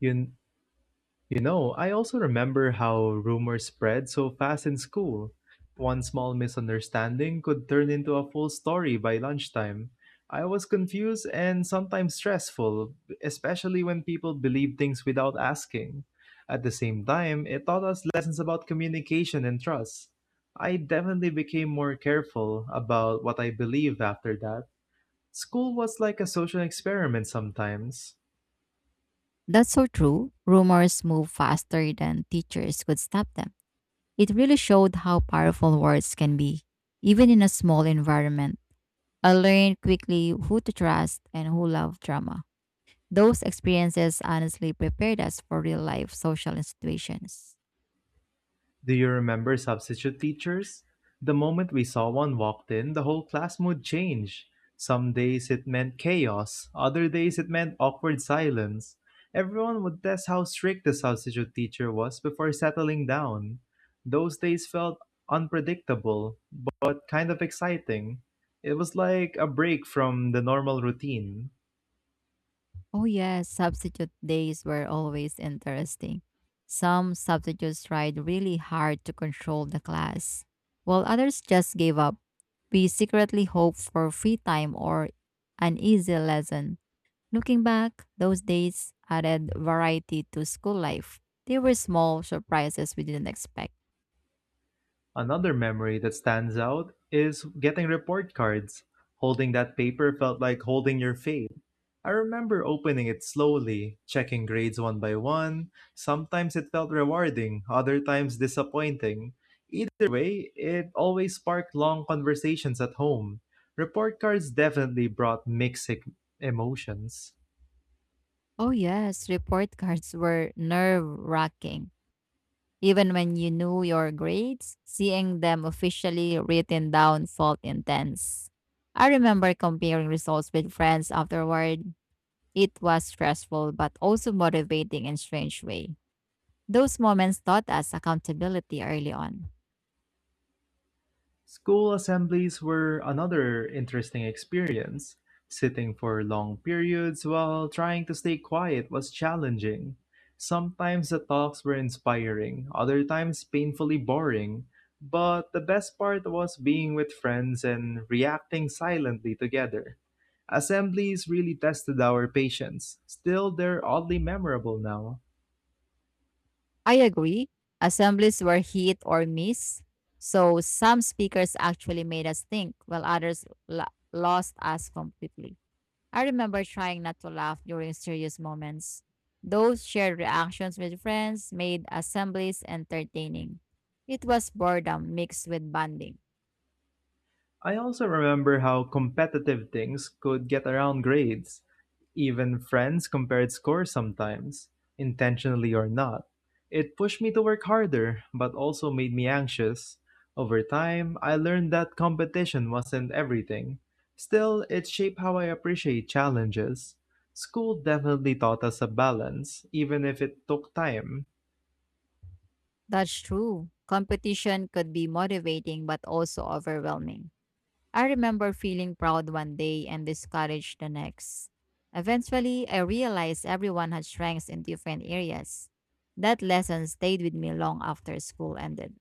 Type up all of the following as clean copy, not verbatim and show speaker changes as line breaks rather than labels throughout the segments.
You, I also remember how rumors spread so fast in school. One small misunderstanding could turn into a full story by lunchtime. I was confused and sometimes stressful, especially when people believe things without asking. At the same time, it taught us lessons about communication and trust. I definitely became more careful about what I believed after that. School was like a social experiment sometimes.
That's so true. Rumors move faster than teachers could stop them. It really showed how powerful words can be, even in a small environment. I learned quickly who to trust and who loved drama. Those experiences honestly prepared us for real life social situations.
Do you remember substitute teachers? The moment we saw one walked in, the whole class mood changed. Some days it meant chaos, other days it meant awkward silence. Everyone would test how strict the substitute teacher was before settling down. Those days felt unpredictable, but kind of exciting. It was like a break from the normal routine.
Oh, yes, substitute days were always interesting. Some substitutes tried really hard to control the class, while others just gave up. We secretly hoped for free time or an easy lesson. Looking back, those days added variety to school life. They were small surprises we didn't expect.
Another memory that stands out is getting report cards. Holding that paper felt like holding your fate. I remember opening it slowly, checking grades one by one. Sometimes it felt rewarding, other times disappointing. Either way, it always sparked long conversations at home. Report cards definitely brought mixed emotions.
Oh, yes, report cards were nerve wracking. Even when you knew your grades, seeing them officially written down felt intense. I remember comparing results with friends afterward. It was stressful but also motivating in strange way. Those moments taught us accountability early on.
School assemblies were another interesting experience. Sitting for long periods while trying to stay quiet was challenging. Sometimes the talks were inspiring, other times painfully boring, but the best part was being with friends and reacting silently together. Assemblies really tested our patience. Still, they're oddly memorable now.
I agree. Assemblies were hit or miss. So some speakers actually made us think while others lost us completely. I remember trying not to laugh during serious moments. Those shared reactions with friends made assemblies entertaining. It was boredom mixed with bonding.
I also remember how competitive things could get around grades. Even friends compared scores sometimes, intentionally or not. It pushed me to work harder, but also made me anxious. Over time, I learned that competition wasn't everything. Still, it shaped how I appreciate challenges. School definitely taught us a balance, even if it took time.
That's true. Competition could be motivating but also overwhelming. I remember feeling proud one day and discouraged the next. Eventually, I realized everyone had strengths in different areas. That lesson stayed with me long after school ended.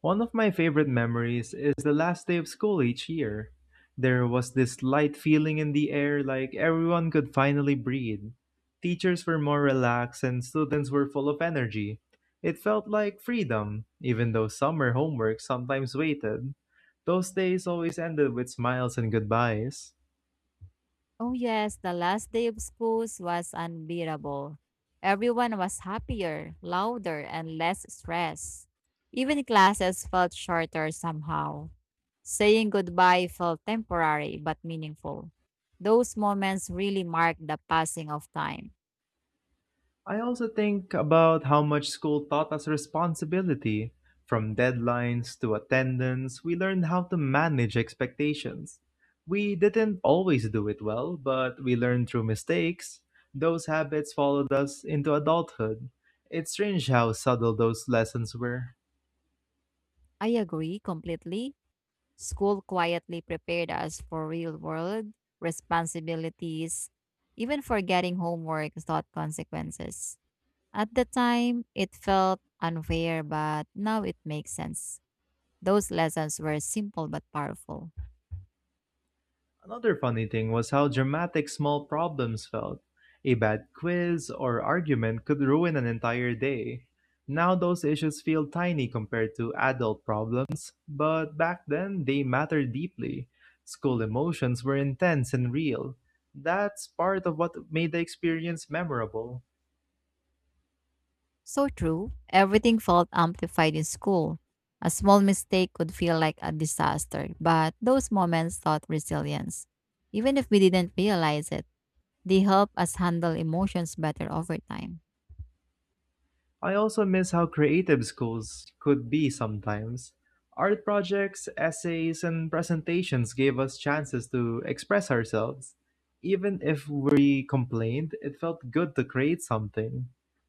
One of my favorite memories is the last day of school each year. There was this light feeling in the air like everyone could finally breathe. Teachers were more relaxed and students were full of energy. It felt like freedom, even though summer homework sometimes waited. Those days always ended with smiles and goodbyes.
Oh, yes, the last day of schools was unbearable. Everyone was happier, louder, and less stressed. Even classes felt shorter somehow. Saying goodbye felt temporary but meaningful. Those moments really marked the passing of time.
I also think about how much school taught us responsibility. From deadlines to attendance, we learned how to manage expectations. We didn't always do it well, but we learned through mistakes. Those habits followed us into adulthood. It's strange how subtle those lessons were.
I agree completely. School quietly prepared us for real world responsibilities. Even forgetting homework taught consequences. At the time, it felt unfair, but now it makes sense. Those lessons were simple but powerful.
Another funny thing was how dramatic small problems felt. A bad quiz or argument could ruin an entire day. Now those issues feel tiny compared to adult problems, but back then they mattered deeply. School emotions were intense and real. That's part of what made the experience memorable.
So true, everything felt amplified in school. A small mistake could feel like a disaster, but those moments taught resilience. Even if we didn't realize it, they help us handle emotions better over time.
I also miss how creative schools could be sometimes. Art projects, essays, and presentations gave us chances to express ourselves. Even if we complained, it felt good to create something.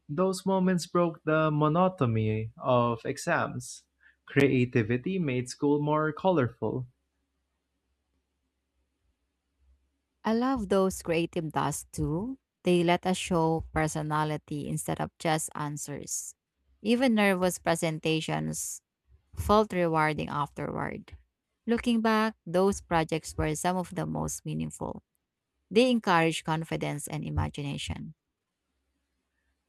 Those moments broke the monotony of exams. Creativity made school more colorful.
I love those creative tasks too. They let us show personality instead of just answers. Even nervous presentations felt rewarding afterward. Looking back, those projects were some of the most meaningful. They encouraged confidence and imagination.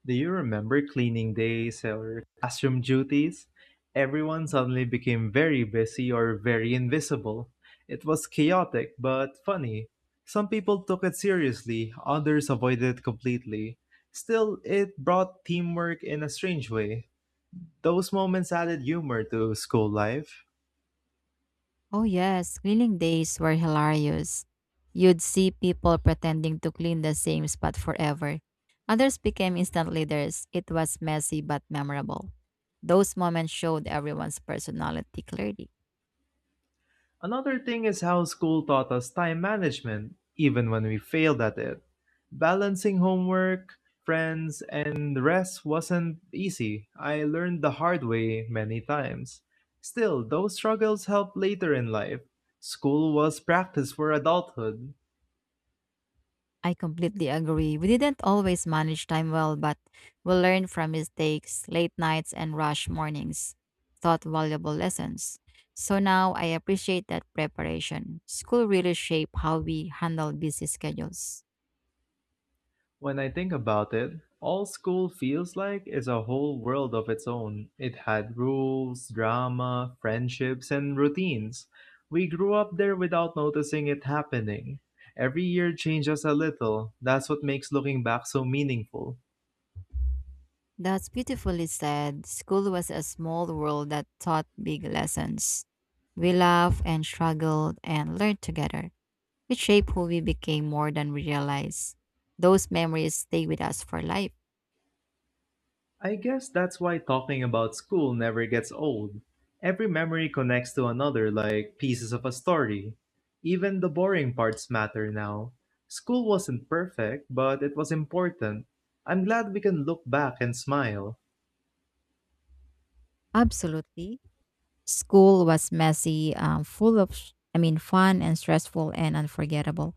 Do you remember cleaning days or classroom duties? Everyone suddenly became very busy or very invisible. It was chaotic but funny. Some people took it seriously, others avoided it completely. Still, it brought teamwork in a strange way. Those moments added humor to school life.
Oh, yes, cleaning days were hilarious. You'd see people pretending to clean the same spot forever. Others became instant leaders. It was messy but memorable. Those moments showed everyone's personality clearly.
Another thing is how school taught us time management, even when we failed at it. Balancing homework, friends, and rest wasn't easy. I learned the hard way many times. Still, those struggles helped later in life. School was practice for adulthood.
I completely agree. We didn't always manage time well, but we learned from mistakes, late nights, and rush mornings, taught valuable lessons. So now I appreciate that preparation. School really shaped how we handle busy schedules.
When I think about it, all school feels like is a whole world of its own. It had rules, drama, friendships, and routines. We grew up there without noticing it happening. Every year changes a little. That's what makes looking back so meaningful.
That's beautifully said. School was a small world that taught big lessons. We laughed and struggled and learned together. It shaped who we became more than we realized. Those memories stay with us for life.
I guess that's why talking about school never gets old. Every memory connects to another like pieces of a story. Even the boring parts matter now. School wasn't perfect, but it was important. I'm glad we can look back and smile.
Absolutely. School was messy, full of, fun and stressful and unforgettable.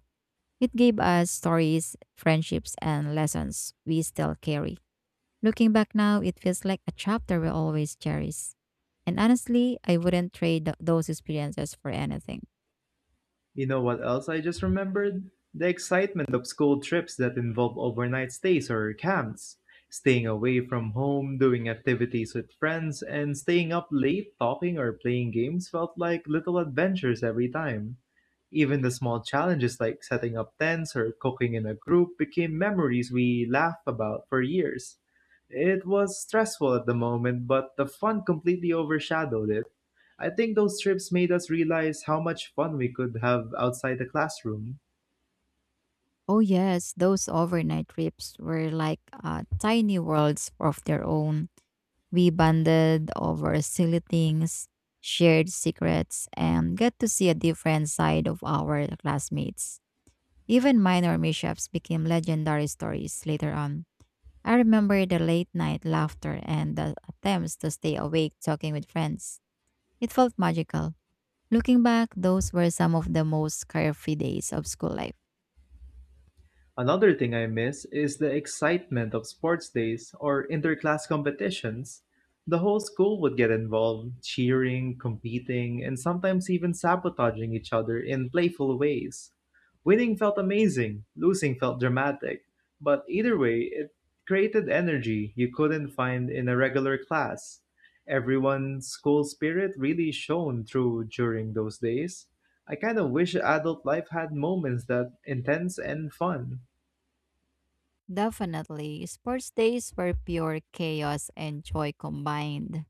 It gave us stories, friendships, and lessons we still carry. Looking back now, it feels like a chapter we will always cherish. And honestly, I wouldn't trade those experiences for anything.
You know what else I just remembered? The excitement of school trips that involve overnight stays or camps, staying away from home, doing activities with friends, and staying up late talking or playing games felt like little adventures every time. Even the small challenges like setting up tents or cooking in a group became memories we laugh about for years. It was stressful at the moment, but the fun completely overshadowed it. I think those trips made us realize how much fun we could have outside the classroom.
Oh, yes, those overnight trips were like tiny worlds of their own. We bonded over silly things, shared secrets, and got to see a different side of our classmates. Even minor mishaps became legendary stories later on. I remember the late night laughter and the attempts to stay awake talking with friends. It felt magical. Looking back, those were some of the most carefree days of school life.
Another thing I miss is the excitement of sports days or interclass competitions. The whole school would get involved, cheering, competing, and sometimes even sabotaging each other in playful ways. Winning felt amazing, losing felt dramatic, but either way, it created energy you couldn't find in a regular class. Everyone's school spirit really shone through during those days. I kind of wish adult life had moments that intense and fun.
Definitely, sports days were pure chaos and joy combined.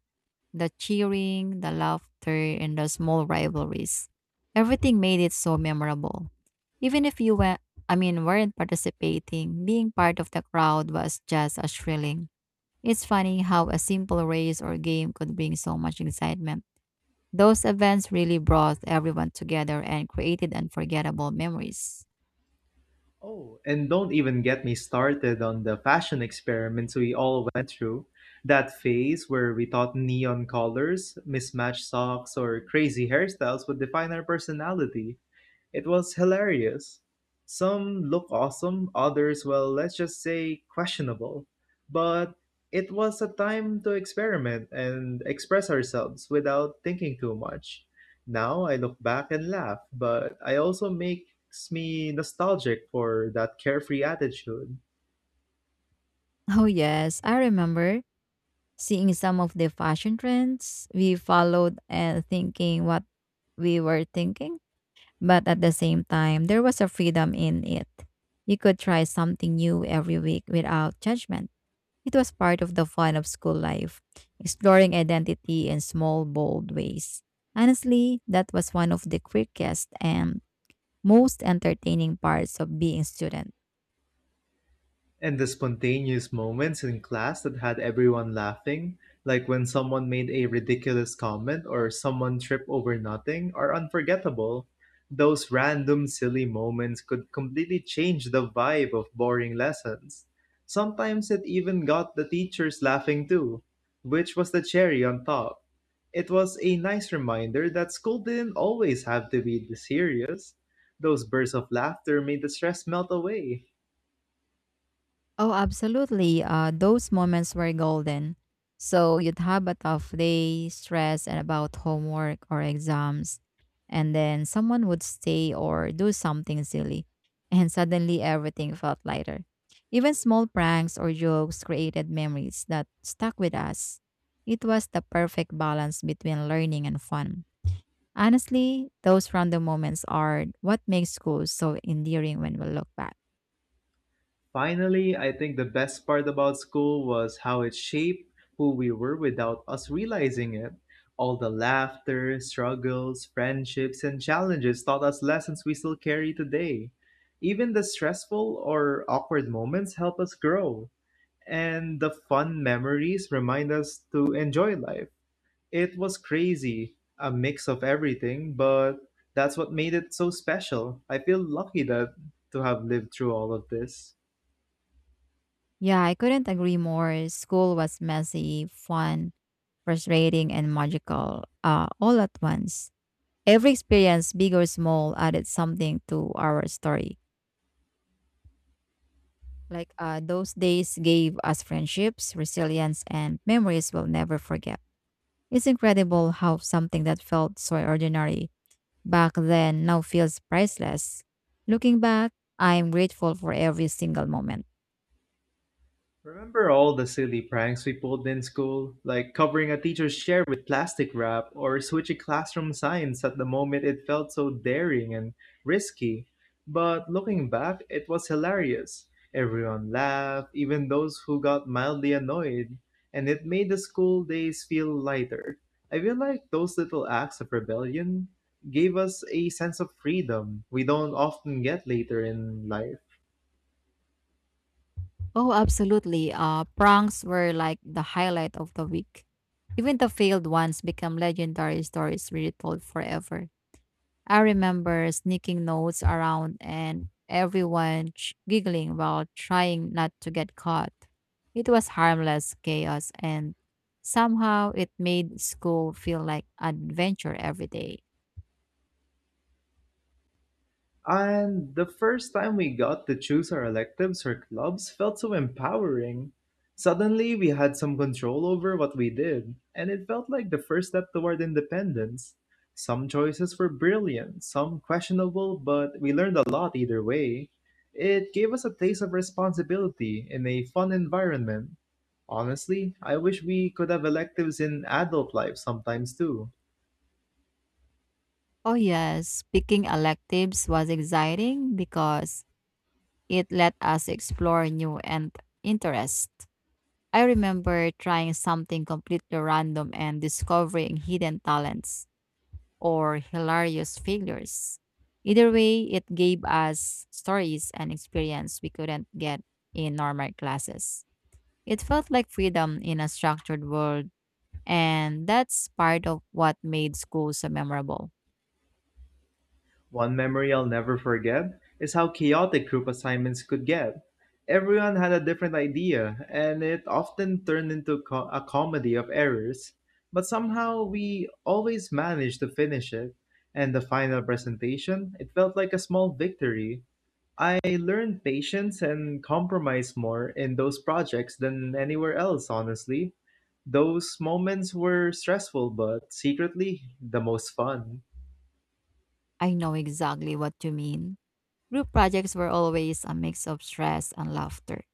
The cheering, the laughter, and the small rivalries. Everything made it so memorable. Even if you were, I mean, Weren't participating, being part of the crowd was just as thrilling. It's funny how a simple race or game could bring so much excitement. Those events really brought everyone together and created unforgettable memories.
Oh, and don't even get me started on the fashion experiments we all went through. That phase where we thought neon colors, mismatched socks, or crazy hairstyles would define our personality. It was hilarious. Some look awesome, others, well, let's just say questionable. But it was a time to experiment and express ourselves without thinking too much. Now I look back and laugh, but I also makes me nostalgic for that carefree attitude.
Oh, yes, I remember seeing some of the fashion trends we followed and thinking what we were thinking. But at the same time, there was a freedom in it. You could try something new every week without judgment. It was part of the fun of school life, exploring identity in small, bold ways. Honestly, that was one of the quickest and most entertaining parts of being student.
And the spontaneous moments in class that had everyone laughing, like when someone made a ridiculous comment or someone tripped over nothing, are unforgettable. Those random silly moments could completely change the vibe of boring lessons. Sometimes it even got the teachers laughing too, which was the cherry on top. It was a nice reminder that school didn't always have to be this serious. Those bursts of laughter made the stress melt away.
Oh, absolutely. Those moments were golden. So you'd have a tough day, stress, and about homework or exams. And then someone would stay or do something silly. And suddenly everything felt lighter. Even small pranks or jokes created memories that stuck with us. It was the perfect balance between learning and fun. Honestly, those random moments are what makes school so endearing when we look back.
Finally, I think the best part about school was how it shaped who we were without us realizing it. All the laughter, struggles, friendships, and challenges taught us lessons we still carry today. Even the stressful or awkward moments help us grow, and the fun memories remind us to enjoy life. It was crazy, a mix of everything, but that's what made it so special. I feel lucky that to have lived through all of this.
Yeah, I couldn't agree more. School was messy, fun, frustrating, and magical all at once. Every experience, big or small, added something to our story. Those days gave us friendships, resilience, and memories we'll never forget. It's incredible how something that felt so ordinary back then now feels priceless. Looking back, I am grateful for every single moment.
Remember all the silly pranks we pulled in school, like covering a teacher's chair with plastic wrap or switching classroom signs at the moment it felt so daring and risky. But looking back, it was hilarious. Everyone laughed, even those who got mildly annoyed, and it made the school days feel lighter. I feel like those little acts of rebellion gave us a sense of freedom we don't often get later in life.
Oh, absolutely. Pranks were like the highlight of the week. Even the failed ones become legendary stories retold forever. I remember sneaking notes around and everyone giggling while trying not to get caught. It was harmless chaos, and somehow it made school feel like an adventure every day.
And the first time we got to choose our electives or clubs felt so empowering. Suddenly, we had some control over what we did, and it felt like the first step toward independence. Some choices were brilliant, some questionable, but we learned a lot either way. It gave us a taste of responsibility in a fun environment. Honestly, I wish we could have electives in adult life sometimes too.
Oh, yes. Picking electives was exciting because it let us explore new and interests. I remember trying something completely random and discovering hidden talents or hilarious failures. Either way, it gave us stories and experience we couldn't get in normal classes. It felt like freedom in a structured world, and that's part of what made school so memorable.
One memory I'll never forget is how chaotic group assignments could get. Everyone had a different idea, and it often turned into a comedy of errors. But somehow we always managed to finish it, and the final presentation, it felt like a small victory. I learned patience and compromise more in those projects than anywhere else, honestly. Those moments were stressful, but secretly the most fun.
I know exactly what you mean. Group projects were always a mix of stress and laughter.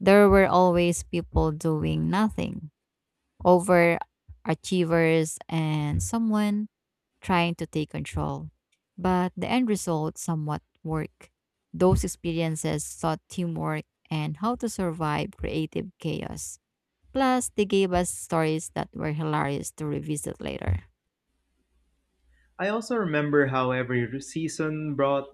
There were always people doing nothing, overachievers, and someone trying to take control. But the end result somewhat worked. Those experiences taught teamwork and how to survive creative chaos. Plus, they gave us stories that were hilarious to revisit later.
I also remember how every season brought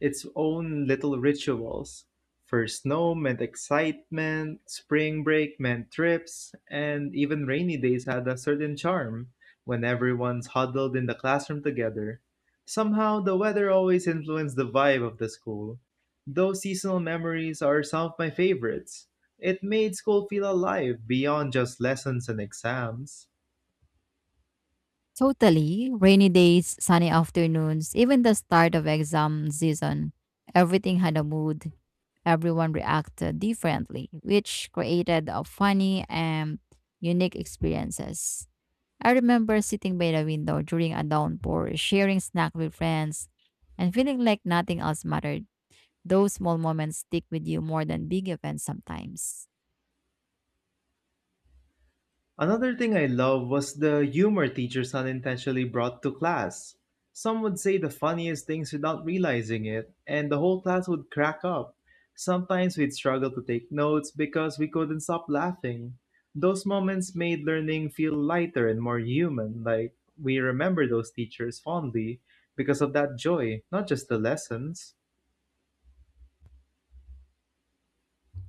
its own little rituals. First snow meant excitement, spring break meant trips, and even rainy days had a certain charm when everyone's huddled in the classroom together. Somehow, the weather always influenced the vibe of the school. Those seasonal memories are some of my favorites. It made school feel alive beyond just lessons and exams.
Totally. Rainy days, sunny afternoons, even the start of exam season, everything had a mood. Everyone reacted differently, which created a funny and unique experiences. I remember sitting by the window during a downpour, sharing snack with friends, and feeling like nothing else mattered. Those small moments stick with you more than big events sometimes.
Another thing I love was the humor teachers unintentionally brought to class. Some would say the funniest things without realizing it, and the whole class would crack up. Sometimes we'd struggle to take notes because we couldn't stop laughing. Those moments made learning feel lighter and more human, like we remember those teachers fondly because of that joy, not just the lessons.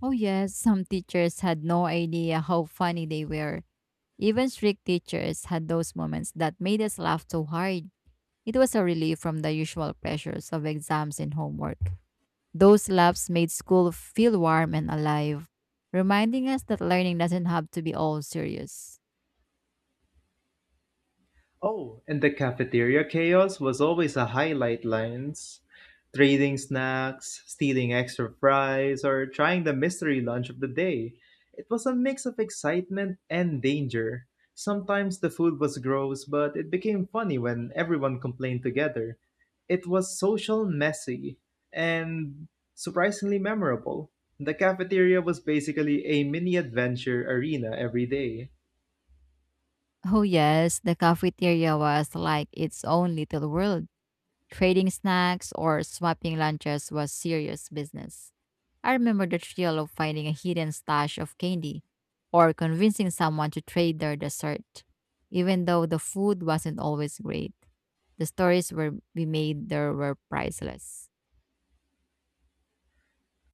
Oh yes, some teachers had no idea how funny they were. Even strict teachers had those moments that made us laugh so hard. It was a relief from the usual pressures of exams and homework. Those laughs made school feel warm and alive, reminding us that learning doesn't have to be all serious.
Oh, and the cafeteria chaos was always a highlight lines. Trading snacks, stealing extra fries, or trying the mystery lunch of the day. It was a mix of excitement and danger. Sometimes the food was gross, but it became funny when everyone complained together. It was social, messy, and surprisingly memorable. The cafeteria was basically a mini adventure arena every day.
Oh, yes, the cafeteria was like its own little world. Trading snacks or swapping lunches was serious business. I remember the thrill of finding a hidden stash of candy or convincing someone to trade their dessert. Even though the food wasn't always great, the stories were, we made there were priceless.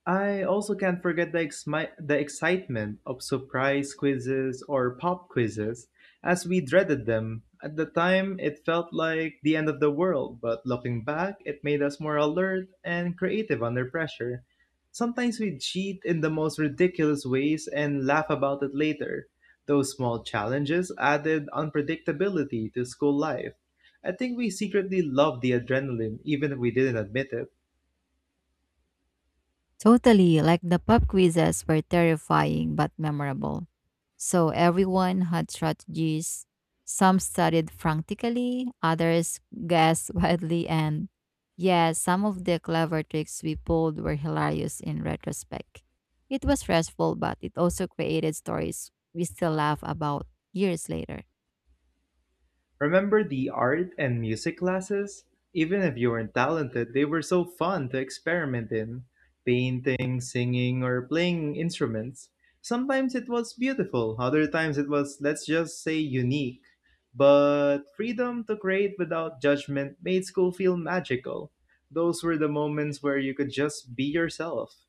I also can't forget the excitement of surprise quizzes or pop quizzes, as we dreaded them. At the time, it felt like the end of the world, but looking back, it made us more alert and creative under pressure. Sometimes we cheat in the most ridiculous ways and laugh about it later. Those small challenges added unpredictability to school life. I think we secretly loved the adrenaline, even if we didn't admit it.
Totally, like the pub quizzes were terrifying but memorable. So everyone had strategies. Some studied frantically, others guessed wildly, and yeah, some of the clever tricks we pulled were hilarious in retrospect. It was stressful, but it also created stories we still laugh about years later.
Remember the art and music classes? Even if you weren't talented, they were so fun to experiment in painting, singing, or playing instruments. Sometimes it was beautiful, other times it was, let's just say, unique. But freedom to create without judgment made school feel magical. Those were the moments where you could just be yourself.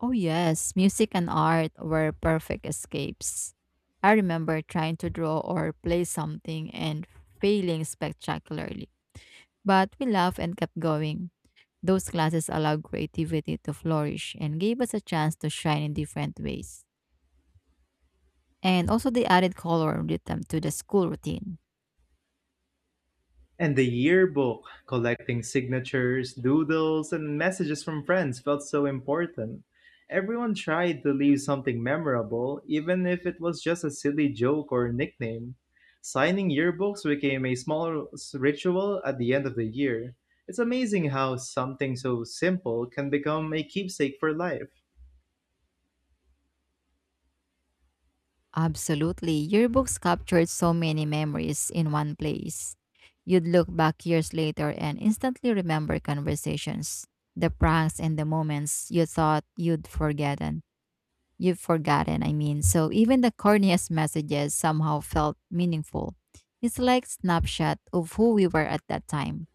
Oh, yes, music and art were perfect escapes. I remember trying to draw or play something and failing spectacularly. But we laughed and kept going. Those classes allowed creativity to flourish and gave us a chance to shine in different ways. And also, they added color and rhythm to the school routine.
And the yearbook, collecting signatures, doodles, and messages from friends felt so important. Everyone tried to leave something memorable, even if it was just a silly joke or nickname. Signing yearbooks became a small ritual at the end of the year. It's amazing how something so simple can become a keepsake for life.
Absolutely. Your books captured so many memories in one place. You'd look back years later and instantly remember conversations, the pranks and the moments you thought you'd forgotten. You've forgotten, I mean. So even the corniest messages somehow felt meaningful. It's like snapshot of who we were at that time.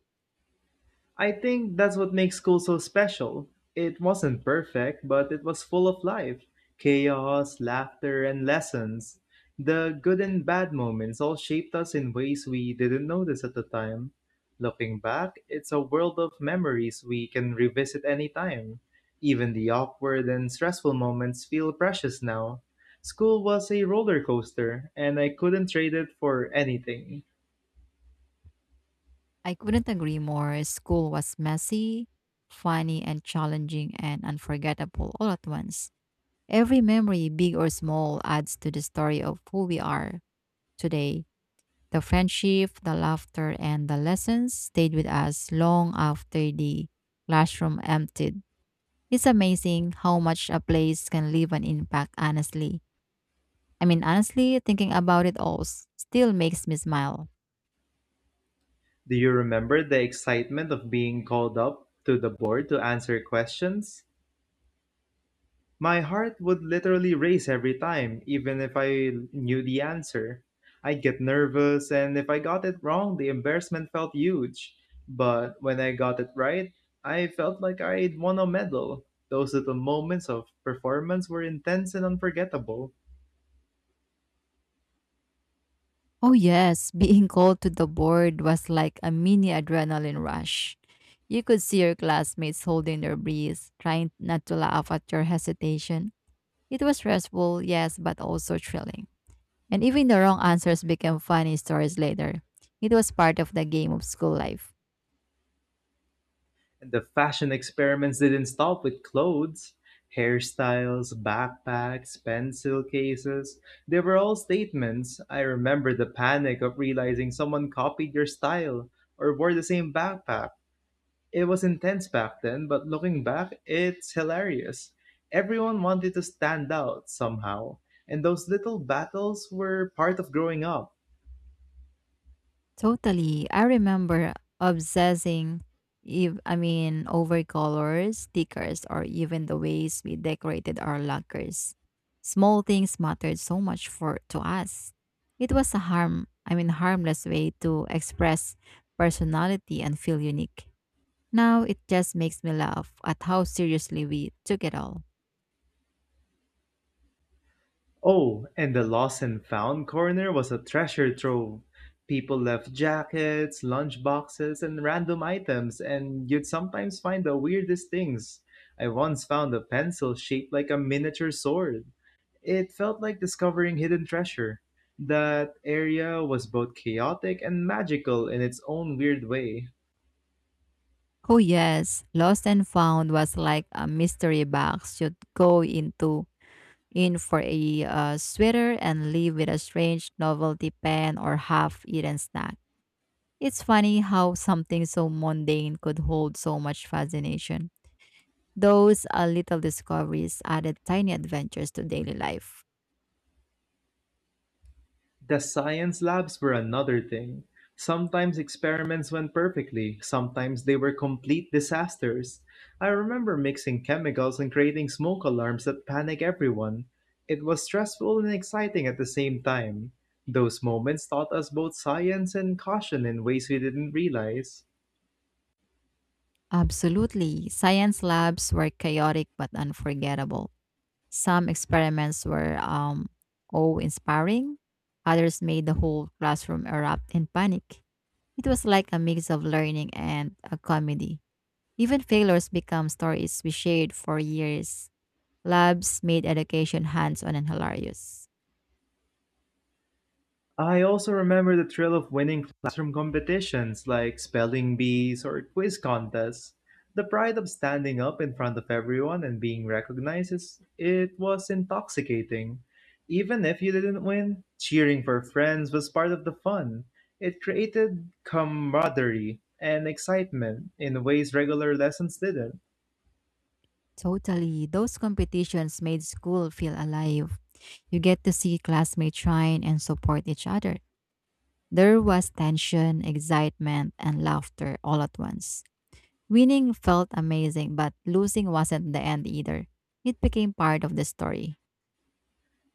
I think that's what makes school so special. It wasn't perfect, but it was full of life chaos, laughter, and lessons. The good and bad moments all shaped us in ways we didn't notice at the time. Looking back, it's a world of memories we can revisit anytime. Even the awkward and stressful moments feel precious now. School was a roller coaster, and I couldn't trade it for anything.
I couldn't agree more. School was messy, funny and challenging and unforgettable all at once. Every memory, big or small, adds to the story of who we are today. The friendship, the laughter, and the lessons stayed with us long after the classroom emptied. It's amazing how much a place can leave an impact, honestly. I mean, honestly, thinking about it all still makes me smile.
Do you remember the excitement of being called up to the board to answer questions? My heart would literally race every time, even if I knew the answer. I'd get nervous, and if I got it wrong, the embarrassment felt huge. But when I got it right, I felt like I'd won a medal. Those little moments of performance were intense and unforgettable.
Oh, yes, being called to the board was like a mini adrenaline rush. You could see your classmates holding their breath, trying not to laugh at your hesitation. It was stressful, yes, but also thrilling. And even the wrong answers became funny stories later. It was part of the game of school life.
The fashion experiments didn't stop with clothes. Hairstyles, backpacks, pencil cases, they were all statements. I remember the panic of realizing someone copied your style or wore the same backpack. It was intense back then, but looking back, it's hilarious. Everyone wanted to stand out somehow, and those little battles were part of growing up.
Totally. I remember obsessing if I mean over colors, stickers, or even the ways we decorated our lockers. Small things mattered so much for to us. It was a harmless way to express personality and feel unique. Now it just makes me laugh at how seriously we took it all.
Oh, and the lost and found corner was a treasure trove. People left jackets, lunch boxes, and random items, and you'd sometimes find the weirdest things. I once found a pencil shaped like a miniature sword. It felt like discovering hidden treasure. That area was both chaotic and magical in its own weird way.
Oh yes, Lost and Found was like a mystery box you'd go into in for a sweater and leave with a strange novelty pen or half-eaten snack. It's funny how something so mundane could hold so much fascination. Those little discoveries added tiny adventures to daily life.
The science labs were another thing. Sometimes experiments went perfectly, sometimes they were complete disasters. I remember mixing chemicals and creating smoke alarms that panic everyone. It was stressful and exciting at the same time. Those moments taught us both science and caution in ways we didn't realize.
Absolutely, science labs were chaotic but unforgettable. Some experiments were awe inspiring, others made the whole classroom erupt in panic. It was like a mix of learning and a comedy. Even failures become stories we shared for years. Labs made education hands on and hilarious.
I also remember the thrill of winning classroom competitions like spelling bees or quiz contests. The pride of standing up in front of everyone and being recognized is it was intoxicating. Even if you didn't win, cheering for friends was part of the fun. It created camaraderie and excitement in ways regular lessons didn't.
Totally, those competitions made school feel alive. You get to see classmates shine and support each other. There was tension, excitement, and laughter all at once. Winning felt amazing, but losing wasn't the end either. It became part of the story.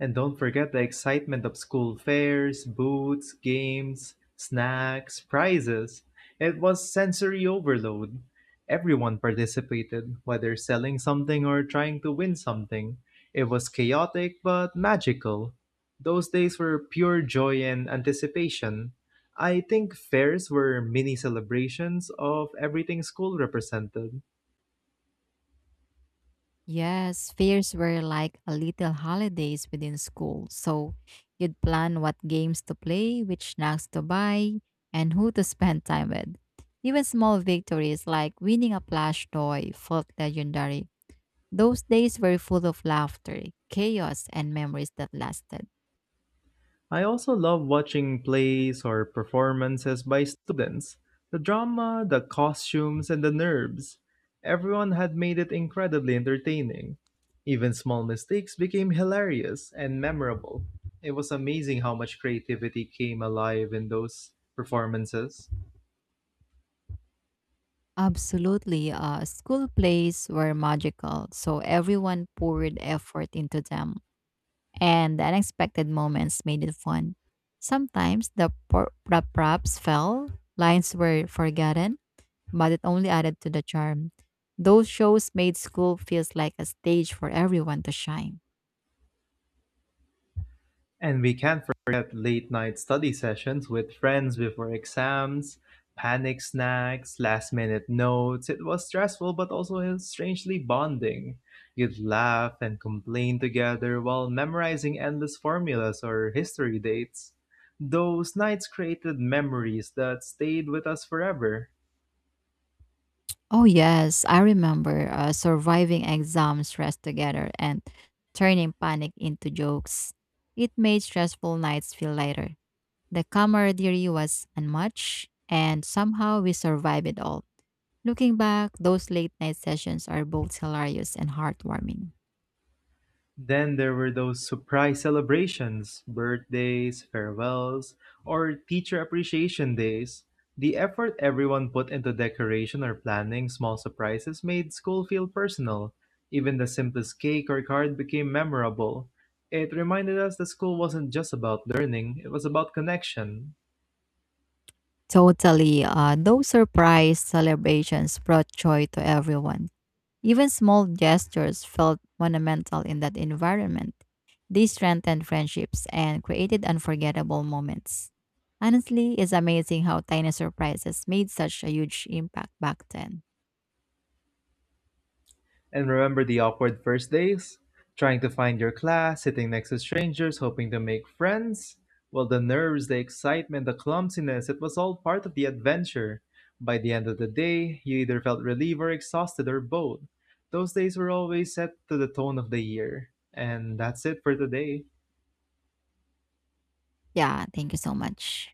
And don't forget the excitement of school fairs, booths, games, snacks, prizes. It was sensory overload. Everyone participated, whether selling something or trying to win something. It was chaotic but magical. Those days were pure joy and anticipation. I think fairs were mini celebrations of everything school represented.
Yes, fairs were like a little holidays within school. So you'd plan what games to play, which snacks to buy, and who to spend time with. Even small victories like winning a plush toy felt legendary. Those days were full of laughter, chaos, and memories that lasted.
I also love watching plays or performances by students. The drama, the costumes, and the nerves. Everyone had made it incredibly entertaining. Even small mistakes became hilarious and memorable. It was amazing how much creativity came alive in those performances.
Absolutely. School plays were magical, so everyone poured effort into them, and the unexpected moments made it fun. Sometimes the the props fell, lines were forgotten, but it only added to the charm. Those shows made school feels like a stage for everyone to shine.
And we can't forget late night study sessions with friends before exams, panic snacks, last minute notes. It was stressful but also strangely bonding. You'd laugh and complain together while memorizing endless formulas or history dates. Those nights created memories that stayed with us forever.
Oh yes, I remember surviving exam stress together and turning panic into jokes. It made stressful nights feel lighter. The camaraderie was unmatched, and somehow we survived it all. Looking back, those late night sessions are both hilarious and heartwarming.
Then there were those surprise celebrations, birthdays, farewells, or teacher appreciation days. The effort everyone put into decoration or planning small surprises made school feel personal. Even the simplest cake or card became memorable. It reminded us that school wasn't just about learning, it was about connection.
Totally, those surprise celebrations brought joy to everyone. Even small gestures felt monumental in that environment. They strengthened friendships and created unforgettable moments. Honestly, it's amazing how tiny surprises made such a huge impact back then.
And remember the awkward first days? Trying to find your class, sitting next to strangers, hoping to make friends? Well, the nerves, the excitement, the clumsiness, it was all part of the adventure. By the end of the day, you either felt relieved or exhausted or both. Those days were always set to the tone of the year. And that's it for today.
Yeah, thank you so much.